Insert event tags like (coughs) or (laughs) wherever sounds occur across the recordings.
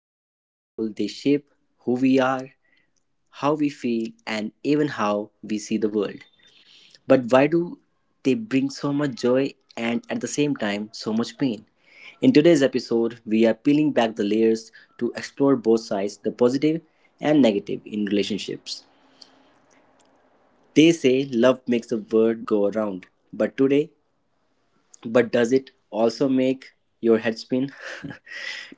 are powerful, they shape who we are, how we feel, and even how we see the world. But why do they bring so much joy and at the same time so much pain? In today's episode, we are peeling back the layers to explore both sides, the positive and negative in relationships. They say love makes the world go around, but today But does it also make your head spin? (laughs)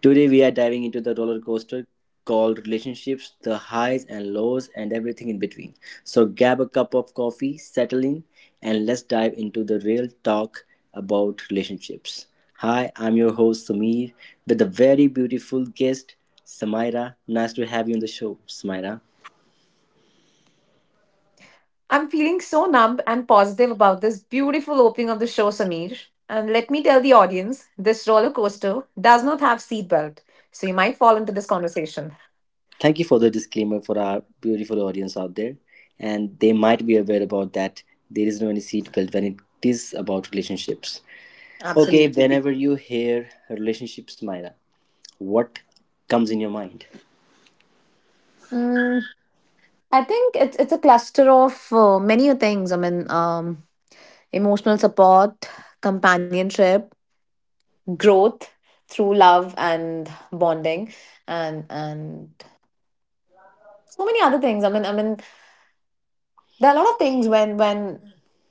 Today we are diving into the roller coaster called relationships, the highs and lows and everything in between. So grab a cup of coffee, settle in, and let's dive into the real talk about relationships. Hi, I'm your host Samir with a very beautiful guest, Samaira. Nice to have you on the show, Samaira. I'm feeling so numb and positive about this beautiful opening of the show, Samir. And let me tell the audience this roller coaster does not have seatbelt, so you might fall into this conversation. Thank you for the disclaimer for our beautiful audience out there. And they might be aware about that there is no any seatbelt when it is about relationships. Okay, whenever Absolutely. you hear relationships, Myra, what comes in your mind? Mm, I think it's a cluster of many things. Emotional support, companionship, growth through love and bonding, and so many other things. There are a lot of things when when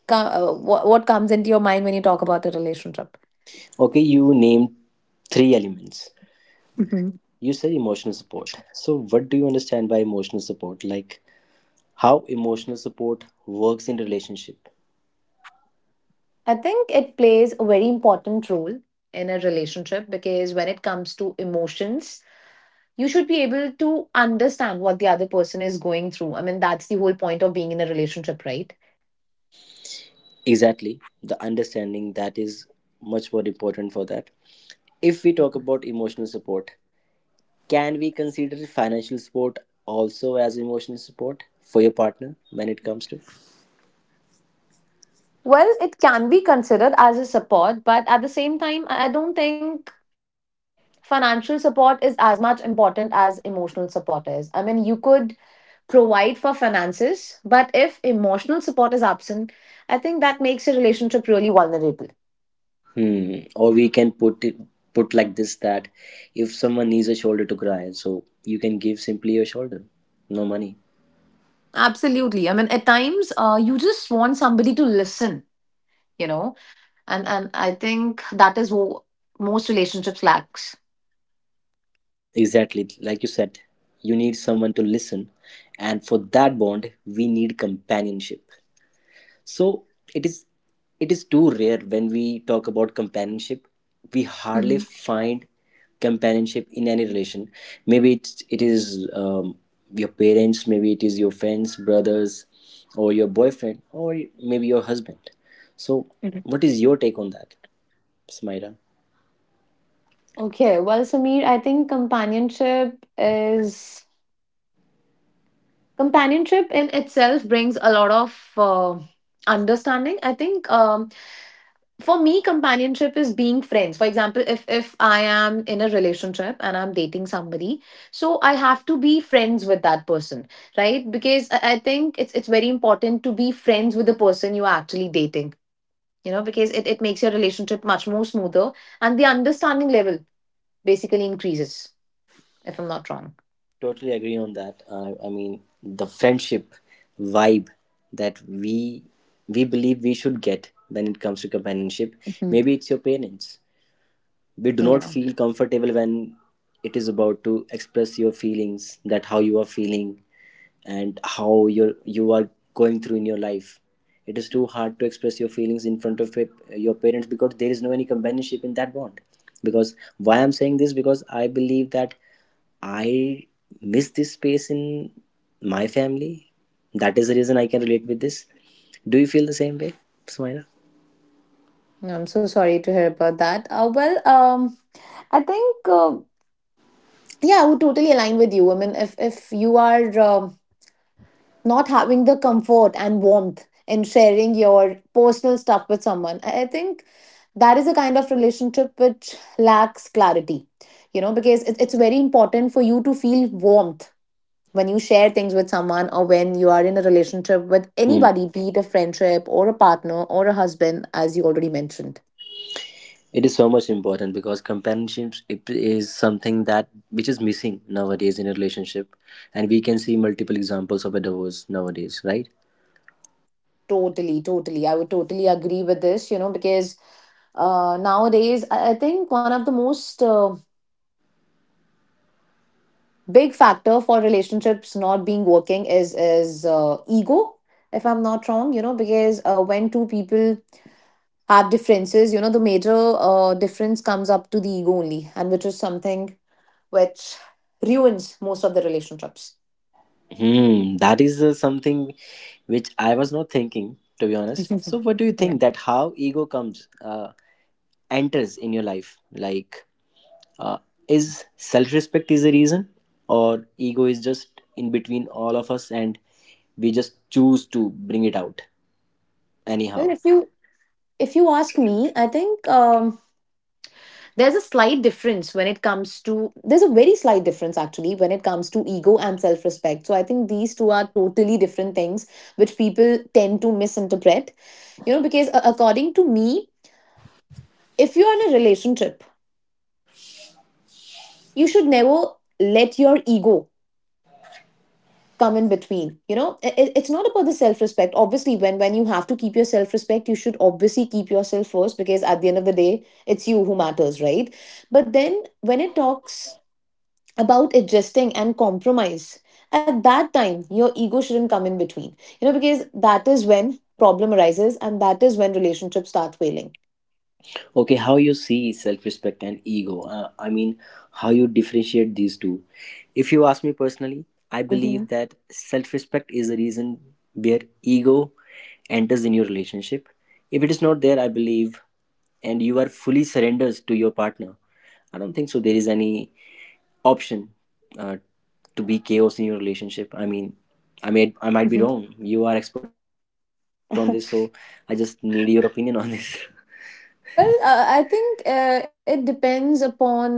co- uh, what, what comes into your mind when you talk about a relationship? Okay, you named three elements. Mhm. You said emotional support. So, what do you understand by emotional support? Like, how emotional support works in relationship? I think it plays a very important role in a relationship, because when it comes to emotions you should be able to understand what the other person is going through. I mean, that's the whole point of being in a relationship, right? Exactly, the understanding that is much more important for that. If we talk about emotional support, can we consider financial support also as emotional support for your partner when it comes to? Well, it can be considered as a support, but at the same time I don't think financial support is as much important as emotional support is. I mean, you could provide for finances, but if emotional support is absent, I think that makes a relationship really vulnerable. Hmm. Or we can put it put like this, that if someone needs a shoulder to cry, so you can give simply your shoulder, no money. Absolutely. I mean, at times, you just want somebody to listen, you know, and I think that is what most relationships lacks. Exactly, like you said, you need someone to listen, and for that bond, we need companionship. So it is it is too rare when we talk about companionship. We hardly Mhm. find companionship in any relation. Maybe it is your parents, maybe it is your friends, brothers, or your boyfriend, or maybe your husband. So Mhm. what is your take on that, Smaira? Okay, well, Samir, I think companionship in itself brings a lot of understanding. I think for me companionship is being friends. For example, if I am in a relationship and I'm dating somebody, so I have to be friends with that person, right? Because I think it's very important to be friends with the person you are actually dating. You know, because it makes your relationship much more smoother and the understanding level basically increases, if I'm not wrong. Totally agree on that. I mean the friendship vibe that we believe we should get when it comes to companionship. Mhm. Maybe it's your parents. We do not Yeah. feel comfortable when it is about to express your feelings, that how you are feeling and how you are going through in your life. It is too hard to express your feelings in front of your parents, because there is no any companionship in that bond. Because why I'm saying this, because I believe that I miss this space in my family. That is the reason I can relate with this. Do you feel the same way, Sumaira? Yeah, I'm so sorry to hear about that. Well, I think yeah, I would totally align with you. I mean, if you are not having the comfort and warmth in sharing your personal stuff with someone, I think that is a kind of relationship which lacks clarity. You know, because it's very important for you to feel warmth when you share things with someone or when you are in a relationship with anybody, be it a friendship or a partner or a husband, as you already mentioned. It is so much important because companionship, it is something that which is missing nowadays in a relationship, and we can see multiple examples of a divorce nowadays, right? Totally, totally. I would totally agree with this, you know, because nowadays, I think one of the most big factor for relationships not being working is ego, if I'm not wrong. You know, because when two people have differences, you know, the major difference comes up to the ego only, and which is something which ruins most of the relationships. Hmm, that is something which I was not thinking, to be honest. So (laughs) what do you think, Yeah. that how ego comes enters in your life? Like, uh, is self-respect is the reason, or ego is just in between all of us, and we just choose to bring it out Well, anyhow? if you ask me, I think there's a slight difference when it comes to, there's a very slight difference actually when it comes to ego and self respect. So I think these two are totally different things which people tend to misinterpret. You know, because according to me, if you're in a relationship, you should never let your ego come in between. You know, it's not about the self respect, obviously. When you have to keep your self respect you should obviously keep yourself first, because at the end of the day it's you who matters, right? But then when it talks about adjusting and compromise. At that time, your ego shouldn't come in between, you know, because that is when problem arises and that is when relationships start failing. Okay, how you see self-respect and ego, I mean how you differentiate these two? If you ask me personally, I Hmm. believe that self-respect is the reason where ego enters in your relationship. If it is not there, I believe, and you are fully surrendered to your partner, I don't think so there is any option uh, to be chaos in your relationship. I mean, I might be Hmm. wrong, you are expert on this, so I just (laughs) need your opinion on this. (laughs) Well, I think it depends upon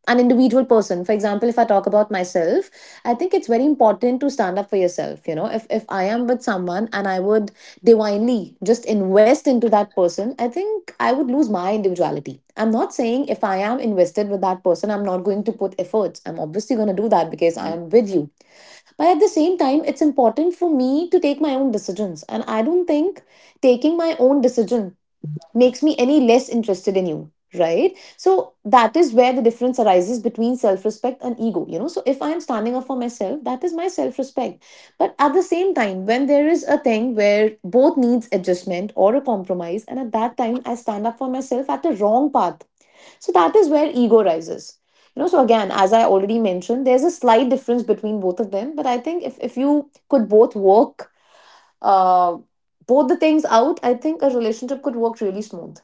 an individual person. For example, if I talk about myself, I think it's very important to stand up for yourself. You know, if I am with someone and I would divinely just invest into that person, I think I would lose my individuality. I'm not saying if I am invested with that person I'm not going to put efforts, I'm obviously going to do that because I am with you. But at the same time it's important for me to take my own decisions, and I don't think taking my own decision makes me any less interested in you, right? So that is where the difference arises between self respect and ego. You know, so if I am standing up for myself, that is my self respect. But at the same time, when there is a thing where both needs adjustment or a compromise and at that time I stand up for myself at the wrong path, so that is where ego rises. You know, so again, as I already mentioned, there's a slight difference between both of them, but I think if you could both work uh, both the things out, I think a relationship could work really smooth.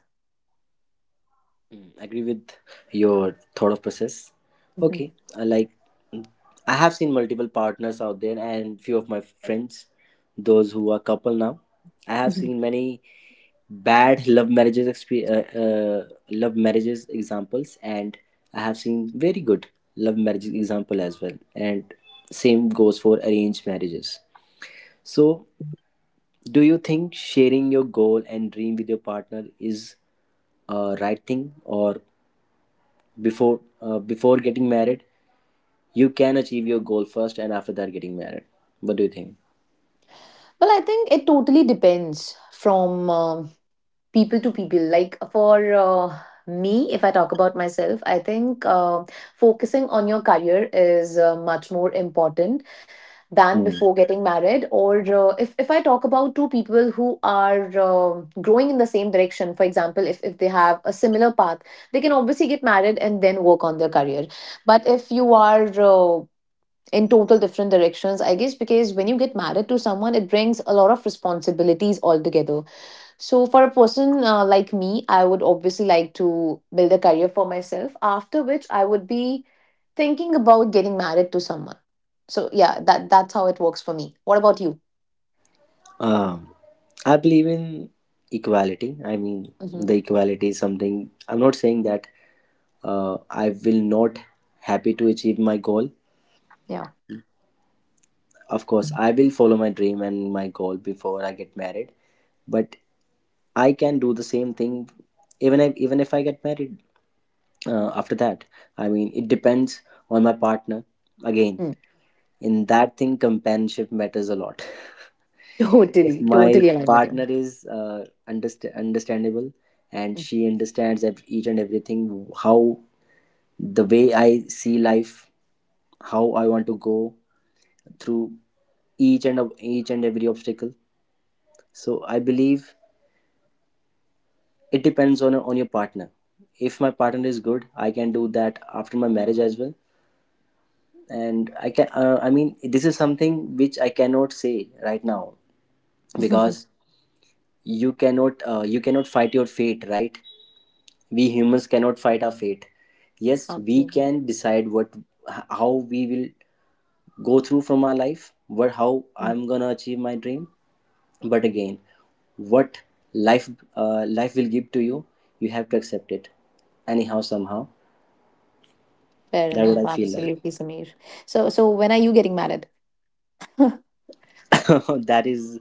Mm, agree with your thought of process. Mhm, Okay, I like, I have seen multiple partners out there and few of my friends, those who are couple now. I have mhm. seen many bad love marriages love marriages examples, and I have seen very good love marriage example as well, and same goes for arranged marriages. So do you think sharing your goal and dream with your partner is a right thing, or before getting married you can achieve your goal first, and after that getting married? What do you think? Well, I think it totally depends from people to people. Like for me, if I talk about myself, I think focusing on your career is much more important than Hmm. before getting married. Or if I talk about two people who are growing in the same direction, for example, if they have a similar path, they can obviously get married and then work on their career. But if you are in total different directions, I guess, because when you get married to someone it brings a lot of responsibilities altogether. So for a person like me, I would obviously like to build a career for myself, after which I would be thinking about getting married to someone. So yeah, that's how it works for me. What about you? Um, I believe in equality. I mean, Hmm. the equality is something. I'm not saying that I will not happy to achieve my goal. Yeah. Of course, I will follow my dream and my goal before I get married. But I can do the same thing even if I get married after that. I mean, it depends on my partner again. Mm. In that thing companionship matters a lot. (laughs) (laughs) If Totally, my totally aligned with partner you. is understandable, and Mm. she understands each and everything, how the way I see life, how I want to go through each and every obstacle, so I believe it depends on your partner. If my partner is good, I can do that after my marriage as well. And I can, I mean, this is something which I cannot say right now, because (laughs) you cannot, you cannot fight your fate, right? We humans cannot fight our fate. Yes, we Absolutely. can decide what, how we will go through from our life, what, how Mm. I'm gonna achieve my dream. But again, what life, life will give to you, you have to accept it anyhow somehow. Fair That what enough, I feel like. absolutely, Samir. So when are you getting married? (coughs) (laughs) That is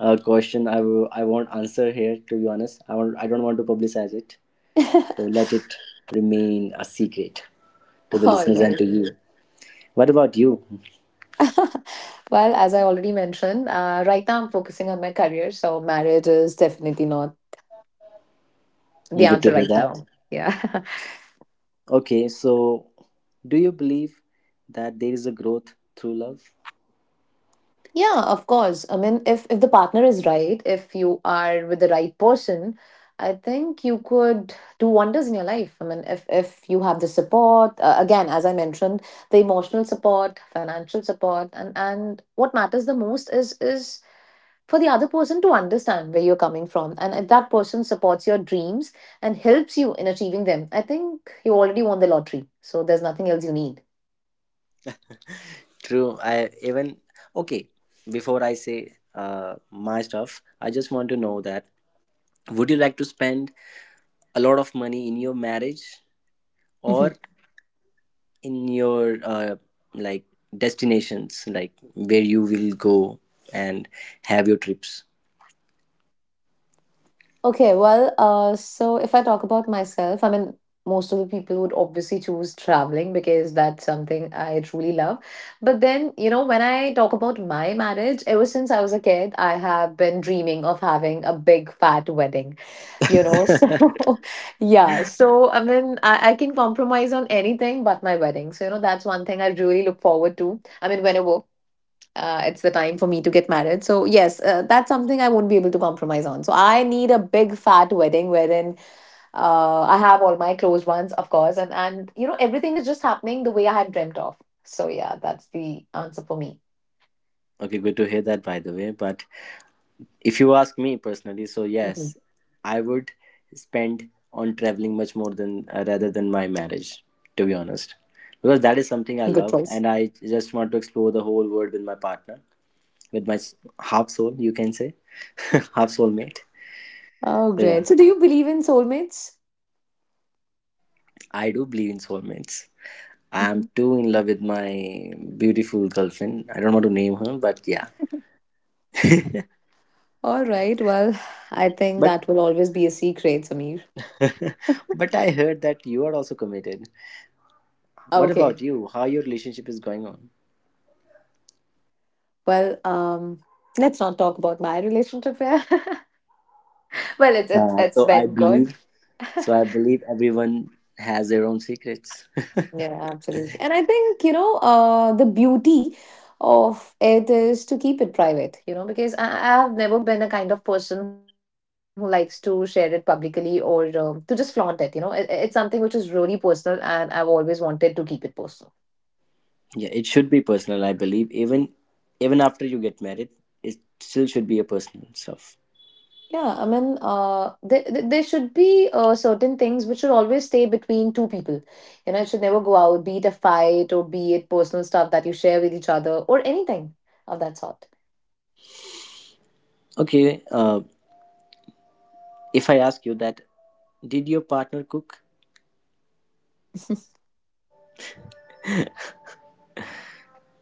a question I won't answer here, to be honest. I don't want to publicize it. So (laughs) let it remain a secret to the All listeners and right. to you. What about you? (laughs) Well, as I already mentioned, right now I'm focusing on my career, so marriage is definitely not the Good to answer hear right that. now. Yeah. (laughs) Okay, so do you believe that there is a growth through love? Yeah, of course. I mean, if the partner is right, if you are with the right person, I think you could do wonders in your life. I mean, if you have the support, again, as I mentioned, the emotional support, financial support, and what matters the most is for the other person to understand where you're coming from. And if that person supports your dreams and helps you in achieving them, I think you already won the lottery. So there's nothing else you need. True. I even, okay. Before I say my stuff, I just want to know that would you like to spend a lot of money in your marriage, Mhm. or in your, like, destinations, like where you will go and have your trips? Okay, well, so if I talk about myself, I mean, most of the people would obviously choose traveling, because that's something I truly love. But then, you know, when I talk about my marriage, ever since I was a kid, I have been dreaming of having a big fat wedding. You know. (laughs) So (laughs) yeah, so I mean, I can compromise on anything but my wedding. So you know, that's one thing I really look forward to. I mean, whenever it's the time for me to get married, so yes, that's something I won't be able to compromise on. So I need a big fat wedding wherein I have all my close ones, of course, and you know, everything is just happening the way I had dreamt of. So yeah, that's the answer for me. Okay, good to hear that, by the way. But if you ask me personally, so Mhm. yes, I would spend on traveling much more than, rather than my marriage, to be honest, because that Good is something choice. I love, and I just want to explore the whole world with my partner, with my half soul, you can say, (laughs) half soulmate. Oh So yeah, great, so do you believe in soulmates? I do believe in soulmates. I am Mm-hmm. too in love with my beautiful girlfriend. I don't want to name her, but yeah. (laughs) All right. Well, I think but that will always be a secret, Samir. (laughs) but I heard that you are also committed. What Okay. about you? How your relationship is going on? Well, let's not talk about my relationship here. (laughs) Well, it's it's it's So I been good. believe, so I believe everyone has their own secrets. (laughs) Yeah, absolutely. And I think, you know, the beauty of it is to keep it private. You know, because I have never been a kind of person who likes to share it publicly or to just flaunt it. You know, it's something which is really personal, and I've always wanted to keep it personal. Yeah, it should be personal. I believe even, even after you get married, it still should be a personal stuff. Yeah, I mean, there should be certain things which should always stay between two people. You know, it should never go out, be it a fight or be it personal stuff that you share with each other or anything of that sort. Okay, if I ask you that, did your partner cook? (laughs) (laughs)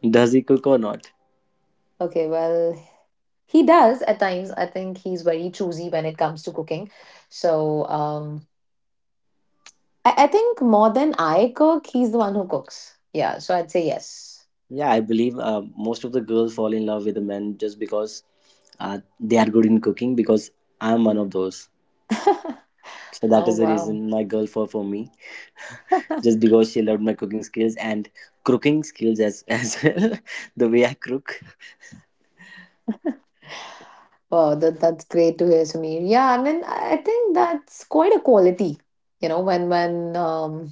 Does he cook or not? Okay, well, he does at times. I think he's very choosy when it comes to cooking. So, I think more than I cook, he's the one who cooks. Yeah, so I'd say yes. (laughs) Yeah, I believe most of the girls fall in love with the men just because they are good in cooking. Because I'm one of those, so that Oh, is the wow. reason my girl fall for me. (laughs) Just because she loved my cooking skills, and cooking skills as (laughs) well, the way I cook. Wow, that's great to hear, Sameer. Yeah, I mean, I think that's quite a quality, you know, when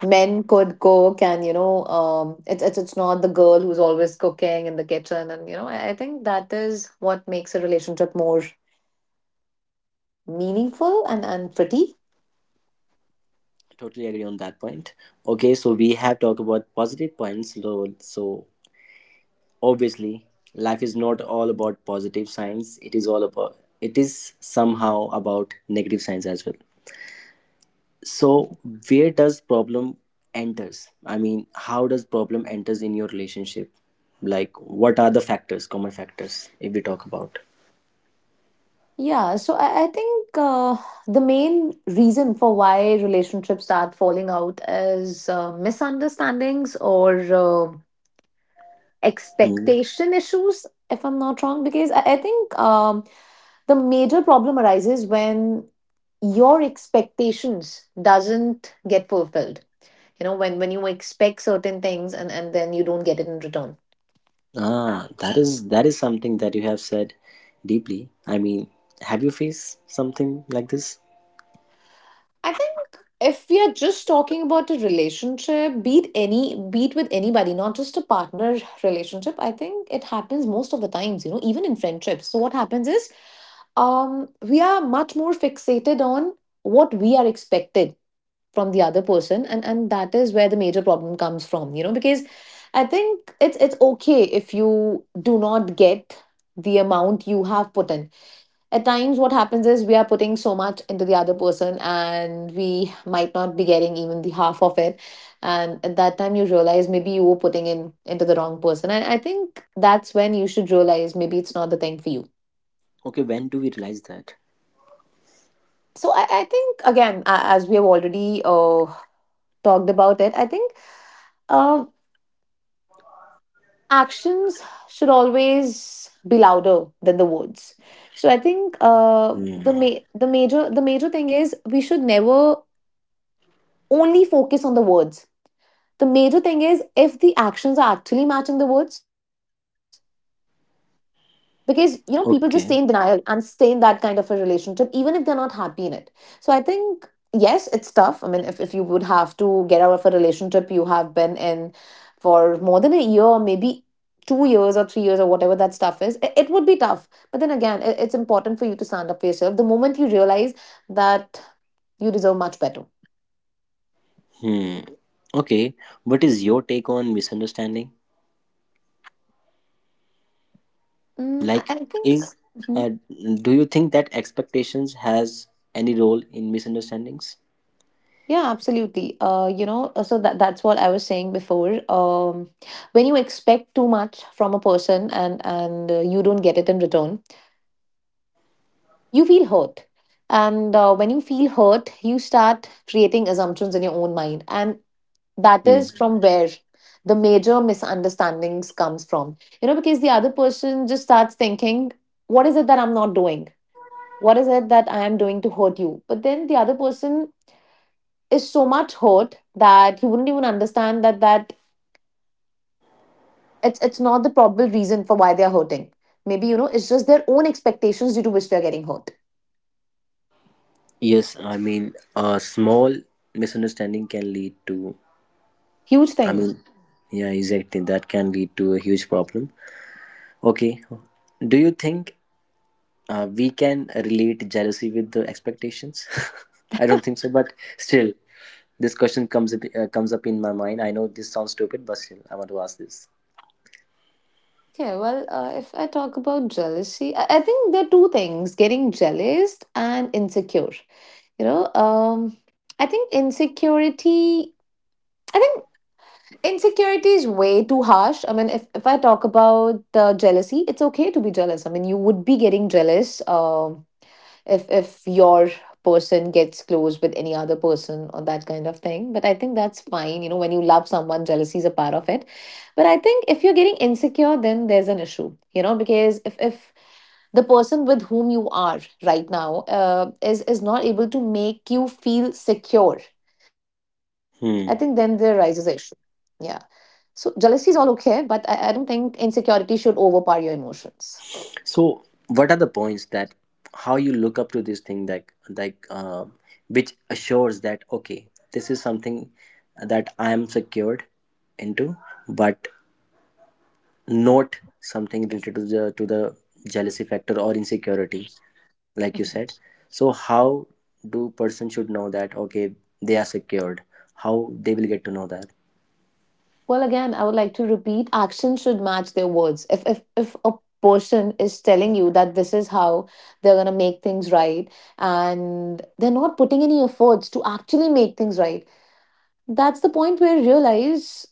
men could cook, and you know, it's not the girl who's always cooking in the kitchen, and you know, I think that is what makes a relationship more meaningful and pretty. Totally agree on that point. Okay, so we have talked about positive points, so obviously life is not all about positive signs, it is all about, it is somehow about negative signs as well. So where does problem enters, I mean how does problem enters in your relationship? Like, what are the factors, common factors, if we talk about? Yeah, so I think the main reason for why relationships start falling out is misunderstandings or. Uh, Hmm. expectation issues, if I'm not wrong, because I think the major problem arises when your expectations doesn't get fulfilled. You know, when you expect certain things and then you don't get it in return. Ah, that is something that you have said deeply. I mean, have you faced something like this? I think if we are just talking about a relationship, be it any, be it with anybody, not just a partner relationship, I think it happens most of the times, you know, even in friendships. So what happens is, we are much more fixated on what we are expected from the other person and that is where the major problem comes from, because I think it's okay if you do not get the amount you have put in. At times what happens is we are putting so much into the other person and we might not be getting even the half of it, and at that time you realize maybe you were putting in into the wrong person. And I think that's when you should realize maybe it's not the thing for you. Okay, when do we realize that? So I think again, as we have already talked about it, I think uh, actions should always be louder than the words. So I think uh, Hmm. the ma- the major the major thing is we should never only focus on the words. The major thing is if the actions are actually matching the words, because you know people just stay Okay. in denial and stay in that kind of a relationship even if they're not happy in it. So I think yes, it's tough. I mean, if you would have to get out of a relationship you have been in for more than a year, maybe 2 years or 3 years or whatever that stuff is, it would be tough. But then again, it's important for you to stand up for yourself the moment you realize that you deserve much better. Hmm. Okay. What is your take on misunderstanding? I, Like, I is, think. uh, do you think that expectations has any role in misunderstandings? Yeah, absolutely. You know, so that that's what I was saying before. When you expect too much from a person and you don't get it in return, you feel hurt. And when you feel hurt, you start creating assumptions in your own mind, and that Hmm. is from where the major misunderstandings comes from. You know, because the other person just starts thinking, "What is it that I'm not doing? What is it that I am doing to hurt you?" But then the other person is so much hurt that he wouldn't even understand that it's not the probable reason for why they're hurting. Maybe, you know, it's just their own expectations due to which they're getting hurt. Yes, I mean, a small misunderstanding can lead to. Huge I things. mean, yeah, exactly, that can lead to a huge problem. Okay. Do you think we can relate jealousy with the expectations? (laughs) I don't think so, but still, this question comes up in my mind. I know this sounds stupid, but still, I want to ask this. Okay, well, if I talk about jealousy, I think there are two things: getting jealous and insecure. You know, I think insecurity. I think insecurity is way too harsh. I mean, if I talk about jealousy, it's okay to be jealous. I mean, you would be getting jealous. If your person gets close with any other person or that kind of thing, but I think that's fine. You know, when you love someone, jealousy is a part of it. But I think if you're getting insecure, then there's an issue. You know, because if the person with whom you are right now is not able to make you feel secure, I think then there rises Hmm. issue. Yeah. So jealousy is all okay, but I don't think insecurity should overpower your emotions. So, what are the points that how you look up to this thing that like uh, which assures that okay, this is something that I am secured into, but not something related to the jealousy factor or insecurity like you said. Mm-hmm. So how do person should know that okay they are secured, how they will get to know that? Well, again, I would like to repeat, action should match their words. If a person is telling you that this is how they're going to make things right, and they're not putting any efforts to actually make things right, that's the point where you realize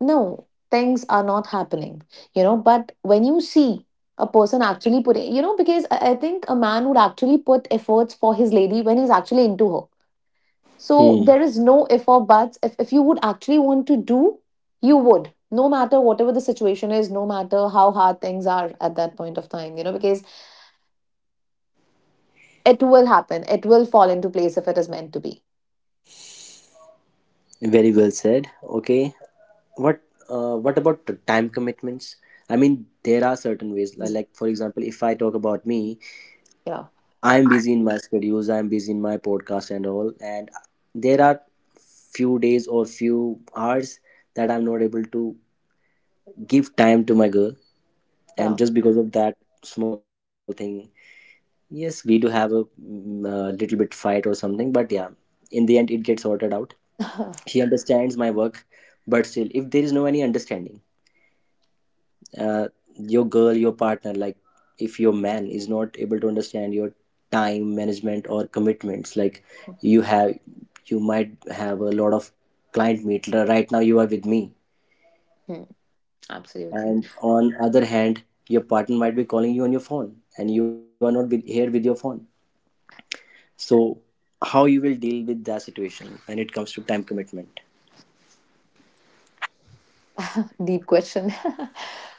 no, things are not happening. You know, but when you see a person actually putting, you know, because I think a man would actually put efforts for his lady when he's actually into her. So Hmm, there is no if or buts. If you would actually want to do, you would, no matter whatever the situation is, no matter how hard things are at that point of time, you know, because it will happen. It will fall into place if it is meant to be. very well said. Okay, what what about the time commitments? I mean, there are certain ways, li- Mhm. like for example, if I talk about me, Yeah, I'm busy in my schedules, I'm busy in my podcast and all, and there are few days or few hours that I'm not able to give time to my girl, and yeah. just because of that small thing, yes, we do have a, a little bit fight or something, but yeah, in the end, it gets sorted out. She (laughs) understands my work, but still, if there is no any understanding, uh, your girl, your partner, like, if your man is not able to understand your time management or commitments, like you have, you might have a lot of client meet. Right now, you are with me, Hmm, absolutely. and on other hand, your partner might be calling you on your phone, and you are not with, here with your phone. So how you will deal with that situation when it comes to time commitment? Deep question. (laughs)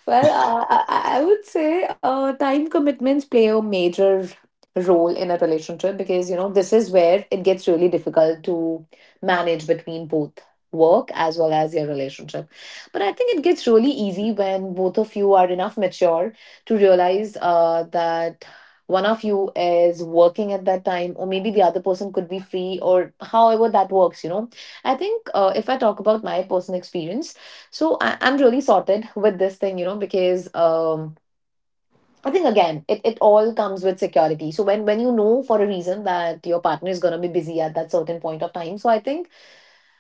Well, I would say time commitments play a major role in a relationship because, you know, this is where it gets really difficult to manage between both work as well as your relationship. But I think it gets really easy when both of you are enough mature to realize that one of you is working at that time or maybe the other person could be free or however that works, you know. I think if I talk about my personal experience, so I'm really sorted with this thing, you know, because I think again, it all comes with security. So when you know for a reason that your partner is gonna be busy at that certain point of time, so I think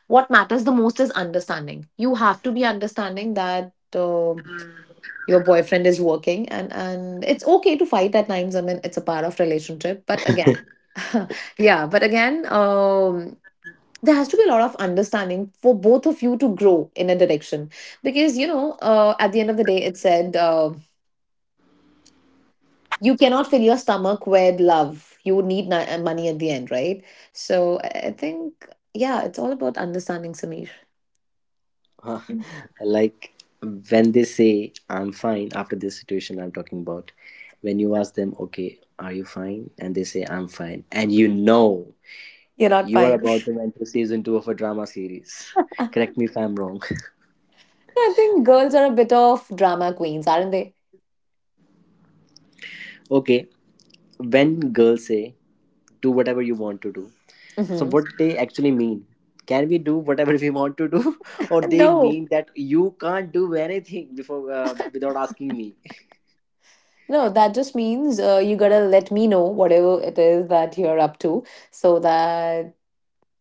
what matters the most is understanding. You have to be understanding that, your boyfriend is working, and it's okay to fight at times. I mean, it's a part of relationship, but again (laughs) yeah, but again, there has to be a lot of understanding for both of you to grow in a direction, because you know, at the end of the day it said you cannot fill your stomach with love, you would need money at the end, right? So I think, yeah, it's all about understanding, Sameer. Huh, like when they say I'm fine, after this situation I'm talking about, when you ask them okay are you fine and they say I'm fine, and you know You're not you are fine. (laughs) about to enter season 2 of a drama series, correct me if I'm wrong. I think girls are a bit of drama queens, aren't they? (laughs) Okay, when girls say do whatever you want to do, so Hmm. what they actually mean? Can we do whatever (laughs) we want to do, (laughs) or they No, mean that you can't do anything before without asking me? no, that just means you gotta let me know whatever it is that you're up to, so that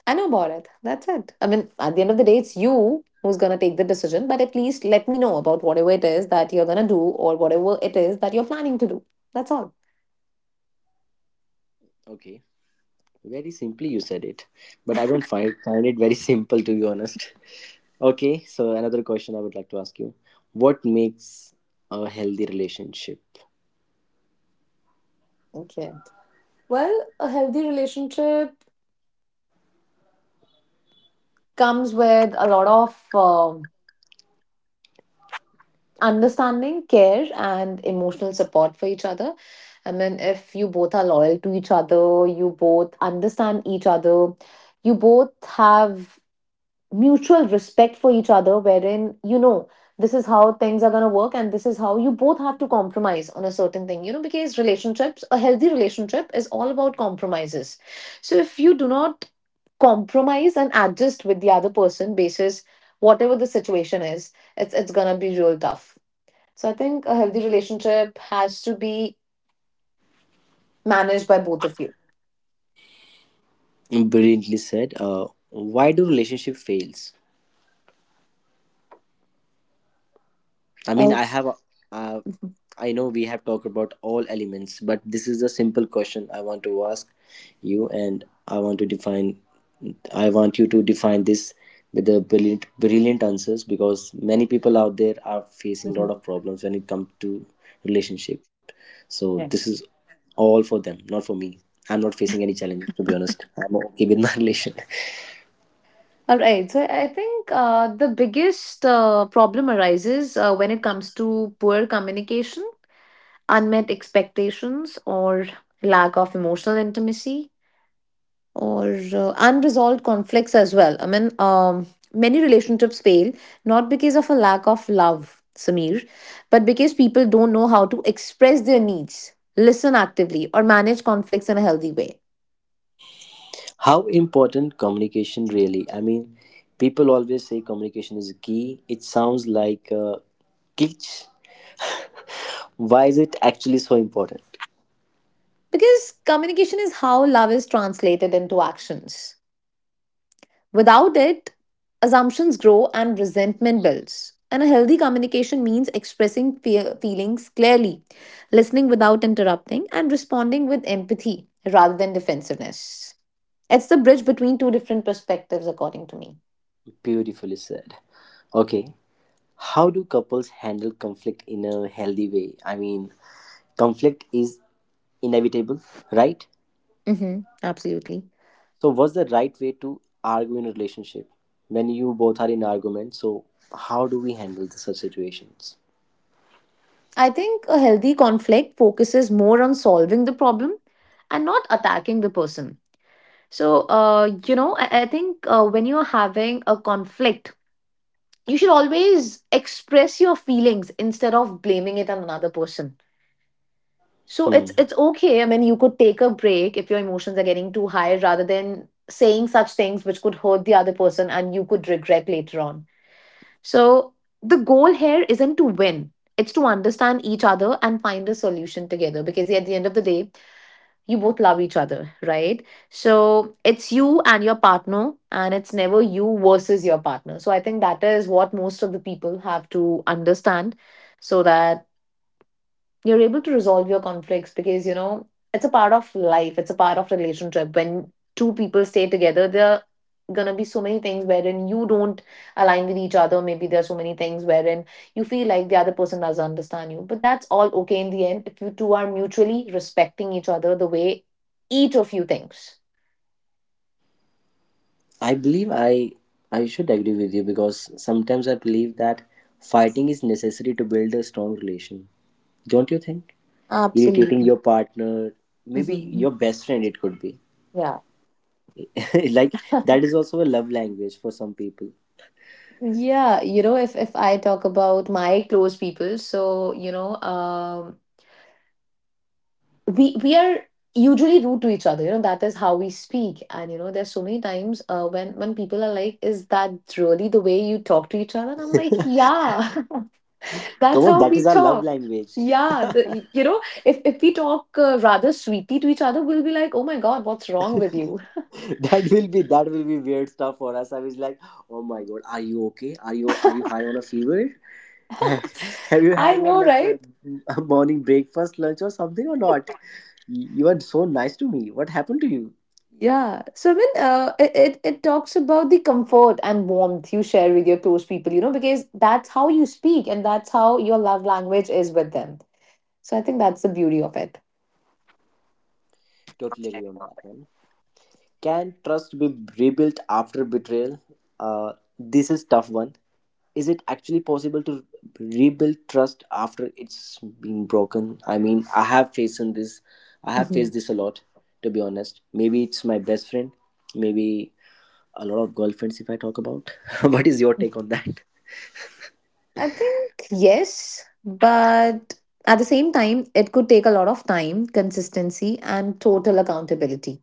I know about it. That's it. I mean, at the end of the day, it's you who's going to take the decision, but at least let me know about whatever it is that you're going to do or whatever it is that you're planning to do. That's all. Okay, very simply you said it, but I don't find it very (laughs) simple to be honest. Okay, so another question I would like to ask you: what makes a healthy relationship? Okay. Well, a healthy relationship comes with a lot of understanding, care, and emotional support for each other. I mean, if you both are loyal to each other, you both understand each other, you both have mutual respect for each other, wherein you know this is how things are going to work, and this is how you both have to compromise on a certain thing. You know, because relationships, a healthy relationship is all about compromises. So if you do not compromise and adjust with the other person basis whatever the situation is, it's going to be real tough. So I think a healthy relationship has to be managed by both of you. Brilliantly said. Why do relationship fails? I mean, Oh. I have, uh, I know we have talked about all elements, but this is a simple question I want to ask you, and I want to define, I want you to define this with the brilliant, brilliant answers, because many people out there are facing a lot of Mhm. problems when it comes to relationship. So this Yeah. is all for them, not for me. I'm not facing any challenges to be honest. I'm okay with my (laughs) relation. All right. So I think the biggest problem arises when it comes to poor communication, unmet expectations, or lack of emotional intimacy, or unresolved conflicts as well. I mean, many relationships fail not because of a lack of love, Samir, but because people don't know how to express their needs, listen actively, or manage conflicts in a healthy way. How important communication really, I mean, people always say communication is key, it sounds like a glitch. (laughs) Why is it actually so important? Because communication is how love is translated into actions. Without it, assumptions grow and resentment builds. And a healthy communication means expressing feelings clearly, listening without interrupting, and responding with empathy rather than defensiveness. It's the bridge between two different perspectives, according to me. Beautifully said. Okay, how do couples handle conflict in a healthy way? I mean, conflict is inevitable, right? Mm-hmm, absolutely. So what's the right way to argue in a relationship? When you both are in argument, so how do we handle the such situations? I think a healthy conflict focuses more on solving the problem and not attacking the person. So, you know, I think when you're having a conflict, you should always express your feelings instead of blaming it on another person. So Hmm. It's okay. I mean, you could take a break if your emotions are getting too high, rather than saying such things which could hurt the other person and you could regret later on. So the goal here isn't to win; it's to understand each other and find a solution together. Because at the end of the day, you both love each other, right? So it's you and your partner, and it's never you versus your partner. So I think that is what most of the people have to understand, so that you're able to resolve your conflicts. Because you know, it's a part of life, it's a part of relationship. When two people stay together, there are gonna be so many things wherein you don't align with each other. Maybe there are so many things wherein you feel like the other person doesn't understand you, but that's all okay in the end if you two are mutually respecting each other the way each of you thinks. I believe I should agree with you, because sometimes I believe that fighting is necessary to build a strong relation. Don't you think? Irritating Absolutely. your partner, maybe hmm your best friend it could be. yeah (laughs) Like, that is also a love language for some people. yeah, you know if I talk about my close people, you know um we are usually rude to each other, you know. That is how we speak, and you know, there's so many times, when people are like, is that really the way you talk to each other? And I'm (laughs) like, yeah. (laughs) Come That's on, how that we is our love talk. language. Yeah, you know, if we talk rather sweetly to each other, we'll be like, oh my god, what's wrong (laughs) with you? That will be, that will be weird stuff for us. I was like, oh my god, are you okay? Are you, are you high on a fever? (laughs) Have you I had your know, right? Morning breakfast, lunch, or something or not? You are so nice to me. What happened to you? Yeah, so I mean, it talks about the comfort and warmth you share with your close people, you know, because that's how you speak and that's how your love language is with them. So I think that's the beauty of it. Totally agree on that one. Can trust be rebuilt after betrayal? This is tough one. Is it actually possible to rebuild trust after it's been broken? I mean, I have faced in this. I have Mhm. faced this a lot, to be honest. Maybe it's my best friend. Maybe a lot of girlfriends, if I talk about. (laughs) What is your take on that? I think yes, but at the same time, it could take a lot of time, consistency, and total accountability.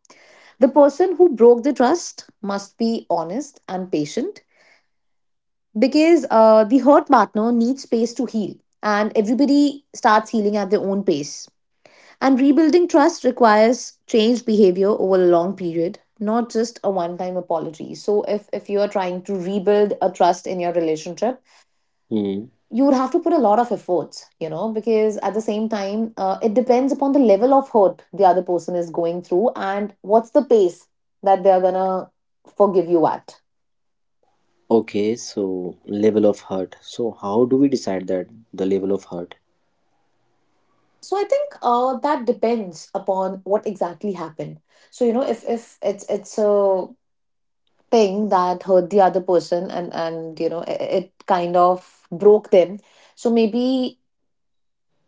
The person who broke the trust must be honest and patient because the hurt partner needs space to heal, and everybody starts healing at their own pace. And rebuilding trust requires changed behavior over a long period, not just a one time apology. So, if you are trying to rebuild a trust in your relationship, Hmm. you would have to put a lot of efforts, you know, because at the same time, it depends upon the level of hurt the other person is going through and what's the pace that they're gonna forgive you at. Okay, so level of hurt. So, how do we decide that the level of hurt? So I think that depends upon what exactly happened. So you know, if it's a thing that hurt the other person, and you know, it kind of broke them, so maybe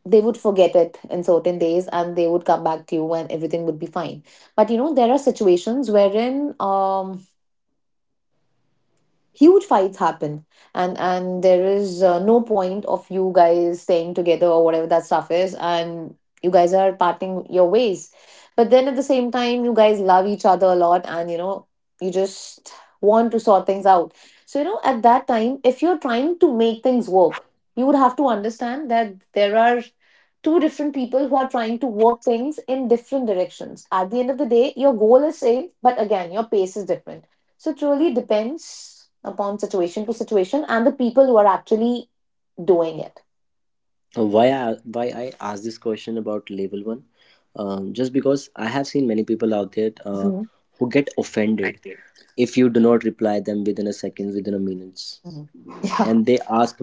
they would forget it in certain days and they would come back to you, and everything would be fine. But you know, there are situations wherein huge fights happen, and there is no point of you guys staying together or whatever that stuff is, and you guys are parting your ways, but then at the same time you guys love each other a lot, and you know, you just want to sort things out. So you know, at that time, if you're trying to make things work, you would have to understand that there are two different people who are trying to work things in different directions. At the end of the day, your goal is same, but again, your pace is different. So it really depends upon situation to situation and the people who are actually doing it. Why I asked this question about level one, just because I have seen many people out there Mhm. who get offended if you do not reply them within a second, within a minutes, Mhm. Yeah. and they ask,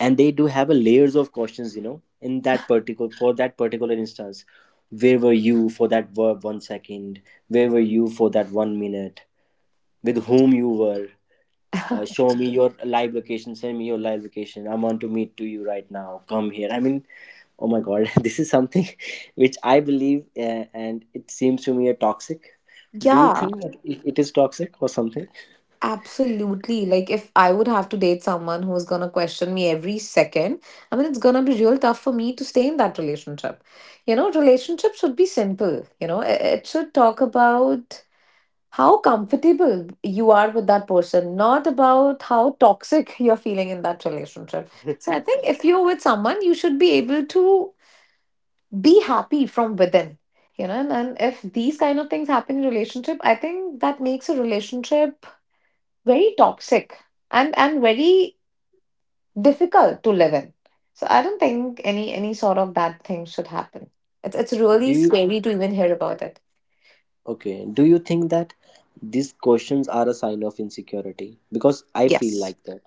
and they do have a layers of questions, you know, in that particular instance, where were you for that verb 1 second, where were you for that 1 minute, with whom you were, (laughs) show me your live location, send me your live location, I want to meet to you right now, come here. I mean, oh my god, (laughs) this is something (laughs) which I believe, and it seems to me a toxic. Do you Yeah, think that it is toxic or something? absolutely. Like, if I would have to date someone who's gonna question me every second, I mean, it's gonna be real tough for me to stay in that relationship. You know, relationships should be simple. You know, it should talk about how comfortable you are with that person, not about how toxic (laughs) you're feeling in that relationship. So I think if you're with someone, you should be able to be happy from within. You know, and if these kind of things happen in relationship, I think that makes a relationship very toxic, and very difficult to live in. So I don't think any sort of that thing should happen. It's do really you scary to even hear about it. okay do you think that these questions are a sign of insecurity, because I feel Yes. like that.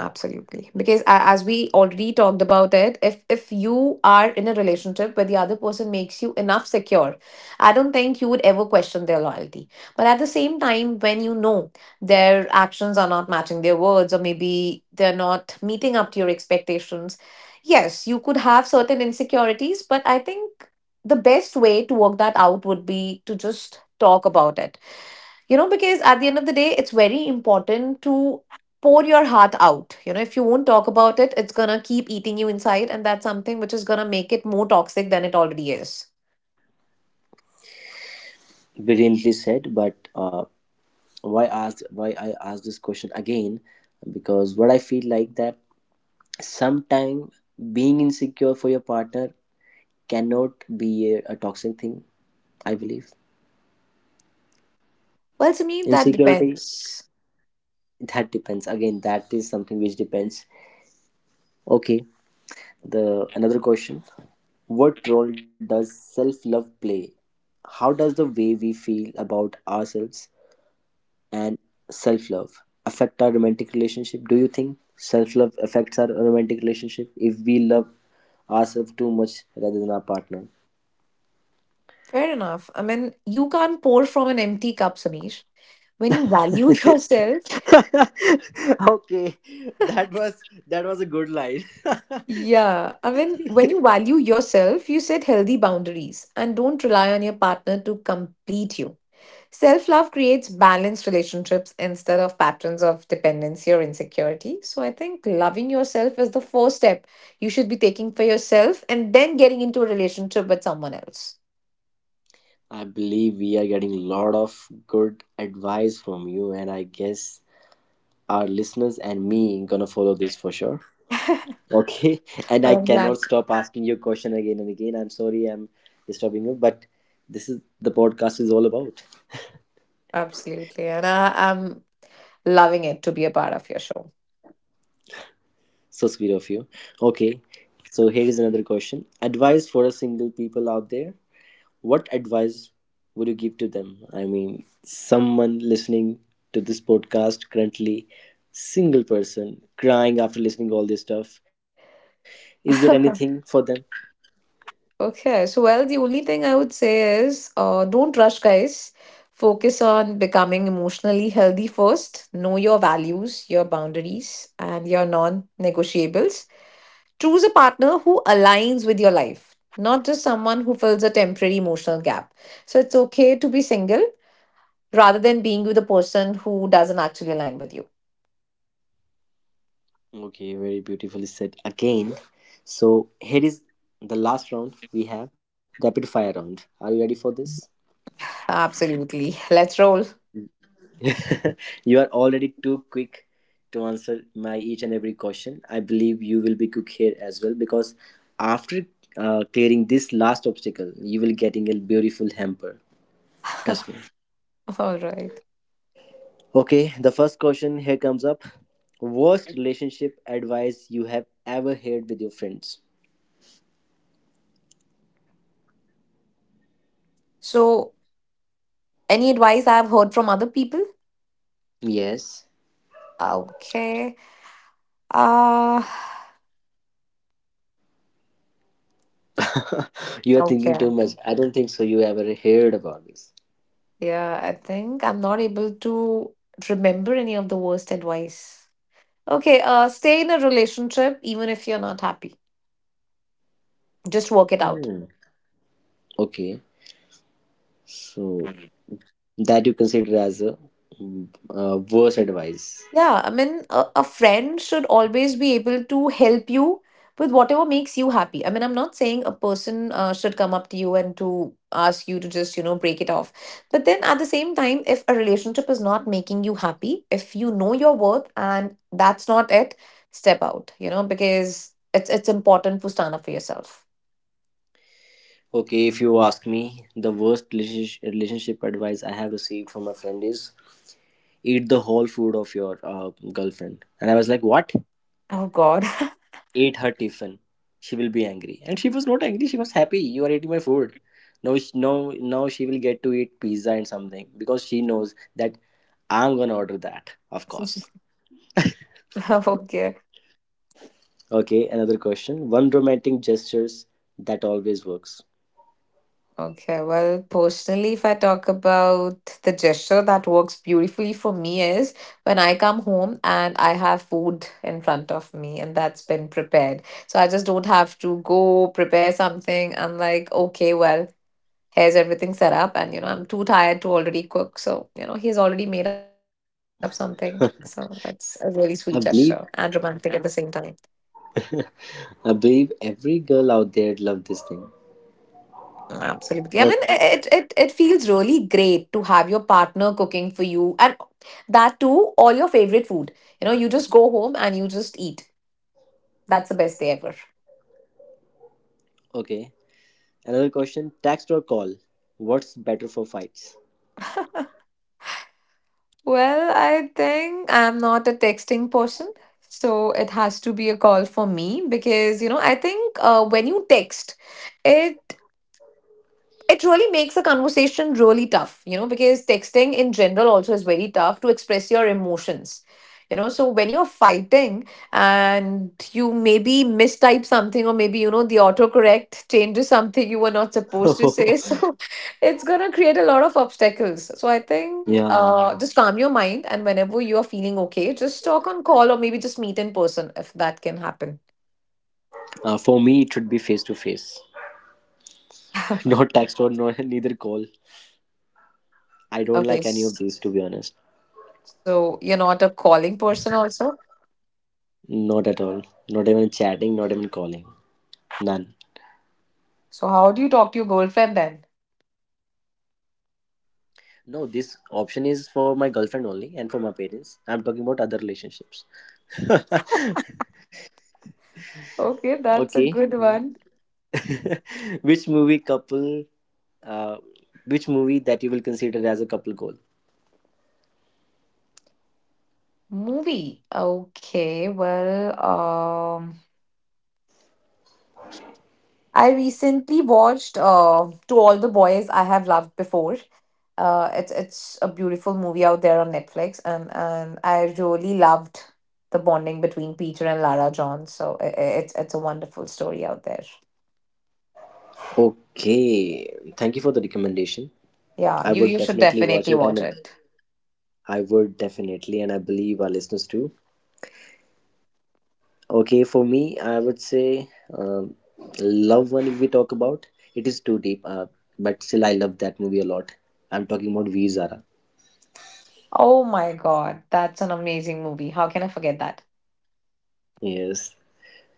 Absolutely. Because as we already talked about it, if you are in a relationship where the other person makes you enough secure, I don't think you would ever question their loyalty. But at the same time, when you know their actions are not matching their words, or maybe they're not meeting up to your expectations, yes, you could have certain insecurities, but I think the best way to work that out would be to just talk about it, you know, because at the end of the day, it's very important to pour your heart out. You know, if you won't talk about it, it's gonna keep eating you inside, and that's something which is gonna make it more toxic than it already is. Brilliantly said, but why I ask this question again, because what I feel like that, sometimes being insecure for your partner cannot be a toxic thing, I believe. Well, Sameer, that Insecurity, depends. that depends. Again, that is something which depends. Okay, the another question. What role does self love play? How does the way we feel about ourselves and self love affect our romantic relationship? Do you think self love affects our romantic relationship if we love ourselves too much rather than our partner? Fair enough. I mean, you can't pour from an empty cup, Sameer. When you (laughs) value (laughs) yourself, Okay, that was, that was a good line. (laughs) yeah, I mean, when you value yourself, you set healthy boundaries and don't rely on your partner to complete you. Self love creates balanced relationships instead of patterns of dependency or insecurity. So I think loving yourself is the first step you should be taking for yourself, and then getting into a relationship with someone else. I believe we are getting a lot of good advice from you, and I guess our listeners and me gonna follow this for sure. Okay, (laughs) and But I I'm glad. cannot stop asking you question again and again, I'm sorry, I'm disturbing you, but this is, the podcast is all about. Absolutely. And I'm loving it to be a part of your show. So sweet of you. Okay, so here is another question, advice for a single people out there. What advice would you give to them? I mean, someone listening to this podcast currently, single person crying after listening to all this stuff. Is there anything for them? Okay, so well, the only thing I would say is, don't rush, guys. Focus on becoming emotionally healthy first. Know your values, your boundaries, and your non negotiables. Choose a partner who aligns with your life, not just someone who fills a temporary emotional gap. So it's okay to be single rather than being with a person who doesn't actually align with you. Okay, very beautifully said again. So here is the last round, we have rapid fire round. Are you ready for this? Absolutely. Let's roll. (laughs) You are already too quick to answer my each and every question. I believe you will be quick here as well, because after clearing this last obstacle, you will getting a beautiful hamper. Trust me. (laughs) All right. Okay, the first question here comes up. Worst relationship advice you have ever heard with your friends? So, any advice I've heard from other people? Yes. Okay. Uh, (laughs) You are thinking okay. too much. I don't think so. You ever heard about this? Yeah, I think I'm not able to remember any of the worst advice. Okay, stay in a relationship even if you're not happy. Just work it out. Hmm. Okay. So that you consider as a, mm, worst advice. Yeah, I mean, a friend should always be able to help you with whatever makes you happy. I mean, I'm not saying a person should come up to you and to ask you to just, you know, break it off. But then at the same time, if a relationship is not making you happy, if you know your worth and that's not it, step out, you know, because it's important to stand up for yourself. Okay, if you ask me, the worst relationship advice I have received from a friend is eat the whole food of your girlfriend, and I was like, what? Oh God. Eat her tiffin, she will be angry. And she was not angry, she was happy, you are eating my food. No, now she will get to eat pizza and something, because she knows that I'm gonna order that, of course. (laughs) Okay. Okay, another question, one romantic gestures that always works. Okay, well, personally, if I talk about the gesture that works beautifully for me is when I come home and I have food in front of me and that's been prepared. So I just don't have to go prepare something. I'm like, okay, well, here's everything set up, and you know, I'm too tired to already cook. So, you know, he's already made up something. So that's a really sweet gesture I and believe, romantic at the same time. I believe every girl out there loved this thing. Absolutely. I mean, Okay. it feels really great to have your partner cooking for you, and that too, all your favorite food. You know, you just go home and you just eat. That's the best day ever. Okay. Another question, text or call? What's better for fights? Well, I think I'm not a texting person, so it has to be a call for me because, you know, I think when you text, it it really makes a conversation really tough, you know, because texting in general also is very tough to express your emotions. You know, so when you're fighting and you maybe mistype something, or maybe, you know, the autocorrect changes something you were not supposed to say. (laughs) (laughs) So it's going to create a lot of obstacles. So I think Yeah. Just calm your mind. And whenever you are feeling okay, just talk on call, or maybe just meet in person if that can happen. For me, it should be face to face. Not (laughs) text or no, neither call. I don't Okay. like any of these to be honest. So you're not a calling person, also? Not at all. Not even chatting, not even calling. None. So how do you talk to your girlfriend then? No, this option is for my girlfriend only and for my parents. I'm talking about other relationships. (laughs) Okay, that's a Okay. good one. (laughs) Which movie couple, uh, which movie that you will consider as a couple goal? Movie. Okay, well, I recently watched To All the Boys I Have Loved Before. It's a beautiful movie out there on Netflix, and I really loved the bonding between Peter and Lara John. So it's a wonderful story out there. Okay, thank you for the recommendation. Yeah, I you would you should definitely watch definitely it, watch and it. I would definitely, and I believe our listeners too. Okay, for me, I would say, um, love one, if we talk about, it is too deep, but still I love that movie a lot. I'm talking about V Zara. Oh my God, that's an amazing movie. How can I forget that? Yes,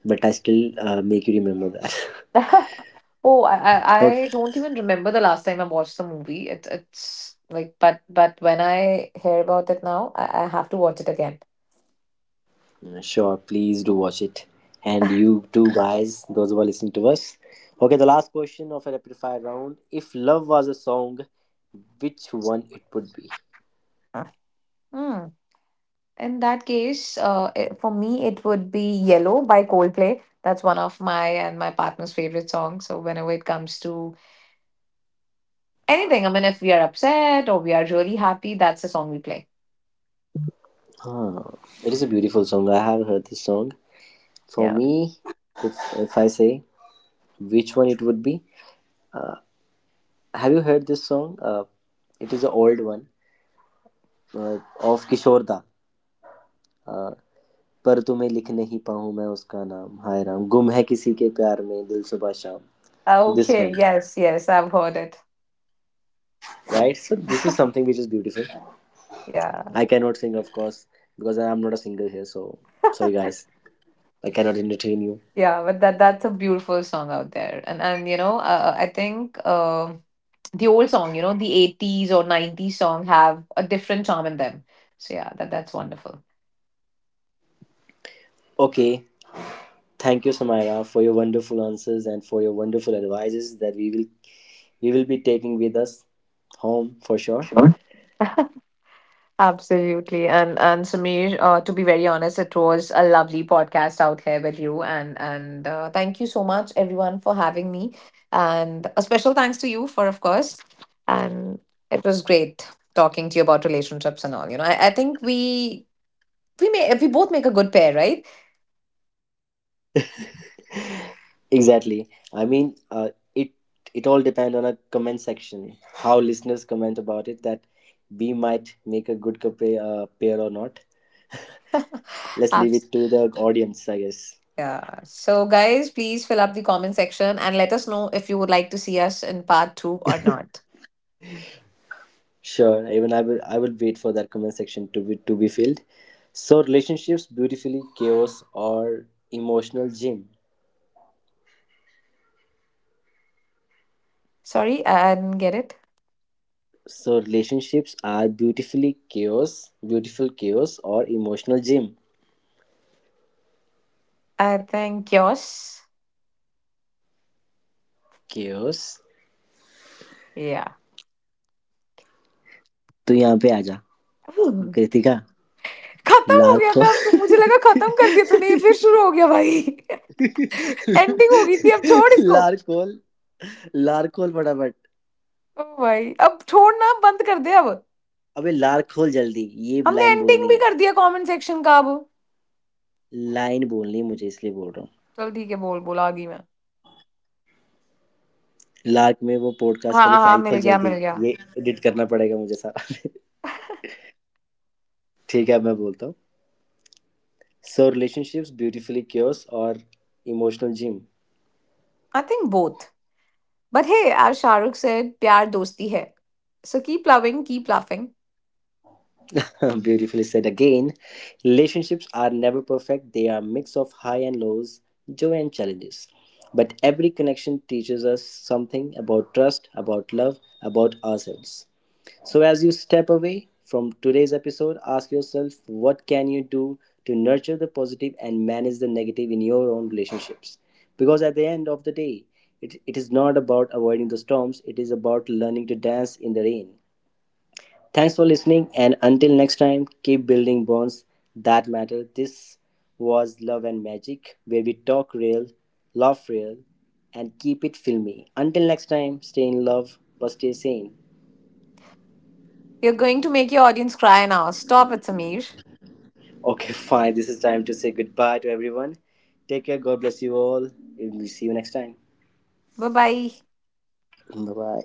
but I still make you remember that. (laughs) (laughs) Oh, I, I Okay. I don't even remember the last time I watched the movie. It, it's like, but when I hear about it now, I have to watch it again. Sure, please do watch it. And you too, guys, those who are listening to us. Okay, the last question of a rapid fire round. If love was a song, which one it would be? Uh, Hmm. In that case, for me, it would be Yellow by Coldplay. That's one of my and my partner's favorite songs. So whenever it comes to anything, I mean, if we are upset or we are really happy, that's the song we play. Huh. It is a beautiful song. I have heard this song. For Yeah. me, if I say which one it would be, have you heard this song? It is an old one of Kishore Da. Uh, पर तुम्हें लिख नहीं पाऊँ मैं उसका नाम हाय राम गुम है किसी के प्यार में दिल सुबह शाम this Okay. One, Yes. Yes. I've heard it. right? So this is something which is beautiful. I Yeah. cannot sing, of course, because I am not a singer here. So sorry, guys, I cannot entertain you. Yeah, but that that's a beautiful song out there, and you know, I think the old song, you know, the 80s or 90s song have a different charm in them. So yeah, that that's wonderful. Okay, thank you, Samaira, for your wonderful answers and for your wonderful advices that we will be taking with us home for sure. Sure. Absolutely, and Samir, to be very honest, it was a lovely podcast out here with you, and thank you so much everyone for having me, and a special thanks to you for of course, and it was great talking to you about relationships and all. You know, I think we may we both make a good pair, right? (laughs) Exactly. I mean, it, it all depends on a comment section, how listeners comment about it, that we might make a good couple, pair or not. Let's leave Abs- it to the audience, I guess. Yeah. So, guys, please fill up the comment section and let us know if you would like to see us in part 2 or not. Sure, even I will, I will wait for that comment section to be filled. So relationships beautifully chaos or emotional gym. Sorry, I didn't get it. So relationships are beautifully chaos, beautiful chaos or emotional gym. I think yours. Chaos. Yeah. तू यहाँ पे आ जा Ooh. Kritika खत्म हो गया लारकोल था अब तो मुझे लगा खत्म कर दिया तूने, ये फिर शुरू हो गया भाई। (laughs) एंडिंग हो गई थी, अब छोड़ इसको ओ लारकोल लारकोल फटाफट, भाई, अब छोड़ना बंद कर दे अब। अबे लारकोल जल्दी ये हमने लाइन एंडिंग बोलनी भी है, कर दिया कमेंट सेक्शन का अब। लाइन बोलनी है मुझे इसलिए बोल रहा हूँ, चल ठीक है, बोल बोल आ गई मैं। लार्क में वो पॉडकास्ट हाँ वाली हाँ हाँ, फाइल मिल खोल गया मिल जल्दी, गया। ये एडिट करना पड़ेगा मुझे सारा. (laughs) ठीक है, अब मैं बोलता हूँ, सो रिलेशनशिप्स ब्यूटीफुली क्योर्स और emotional gym. I think both. But hey, as Shah Rukh said, pyar dosti hai. So keep loving, keep laughing. Beautifully said again, relationships are never perfect, they are mix of high and lows, (laughs) joy and challenges, but every connection teaches us something about trust, about love, about ourselves. So as you step away from today's episode, ask yourself, what can you do to nurture the positive and manage the negative in your own relationships? Because at the end of the day, it is not about avoiding the storms, it is about learning to dance in the rain. Thanks for listening, and until next time, keep building bonds that matter. This was Love and Magic, where we talk real, laugh real and keep it filmy. Until next time, stay in love but stay sane. You're going to make your audience cry now. Stop it, Sameer. Okay, (laughs) fine. This is time to say goodbye to everyone. Take care. God bless you all. We'll see you next time. Bye bye. Bye bye.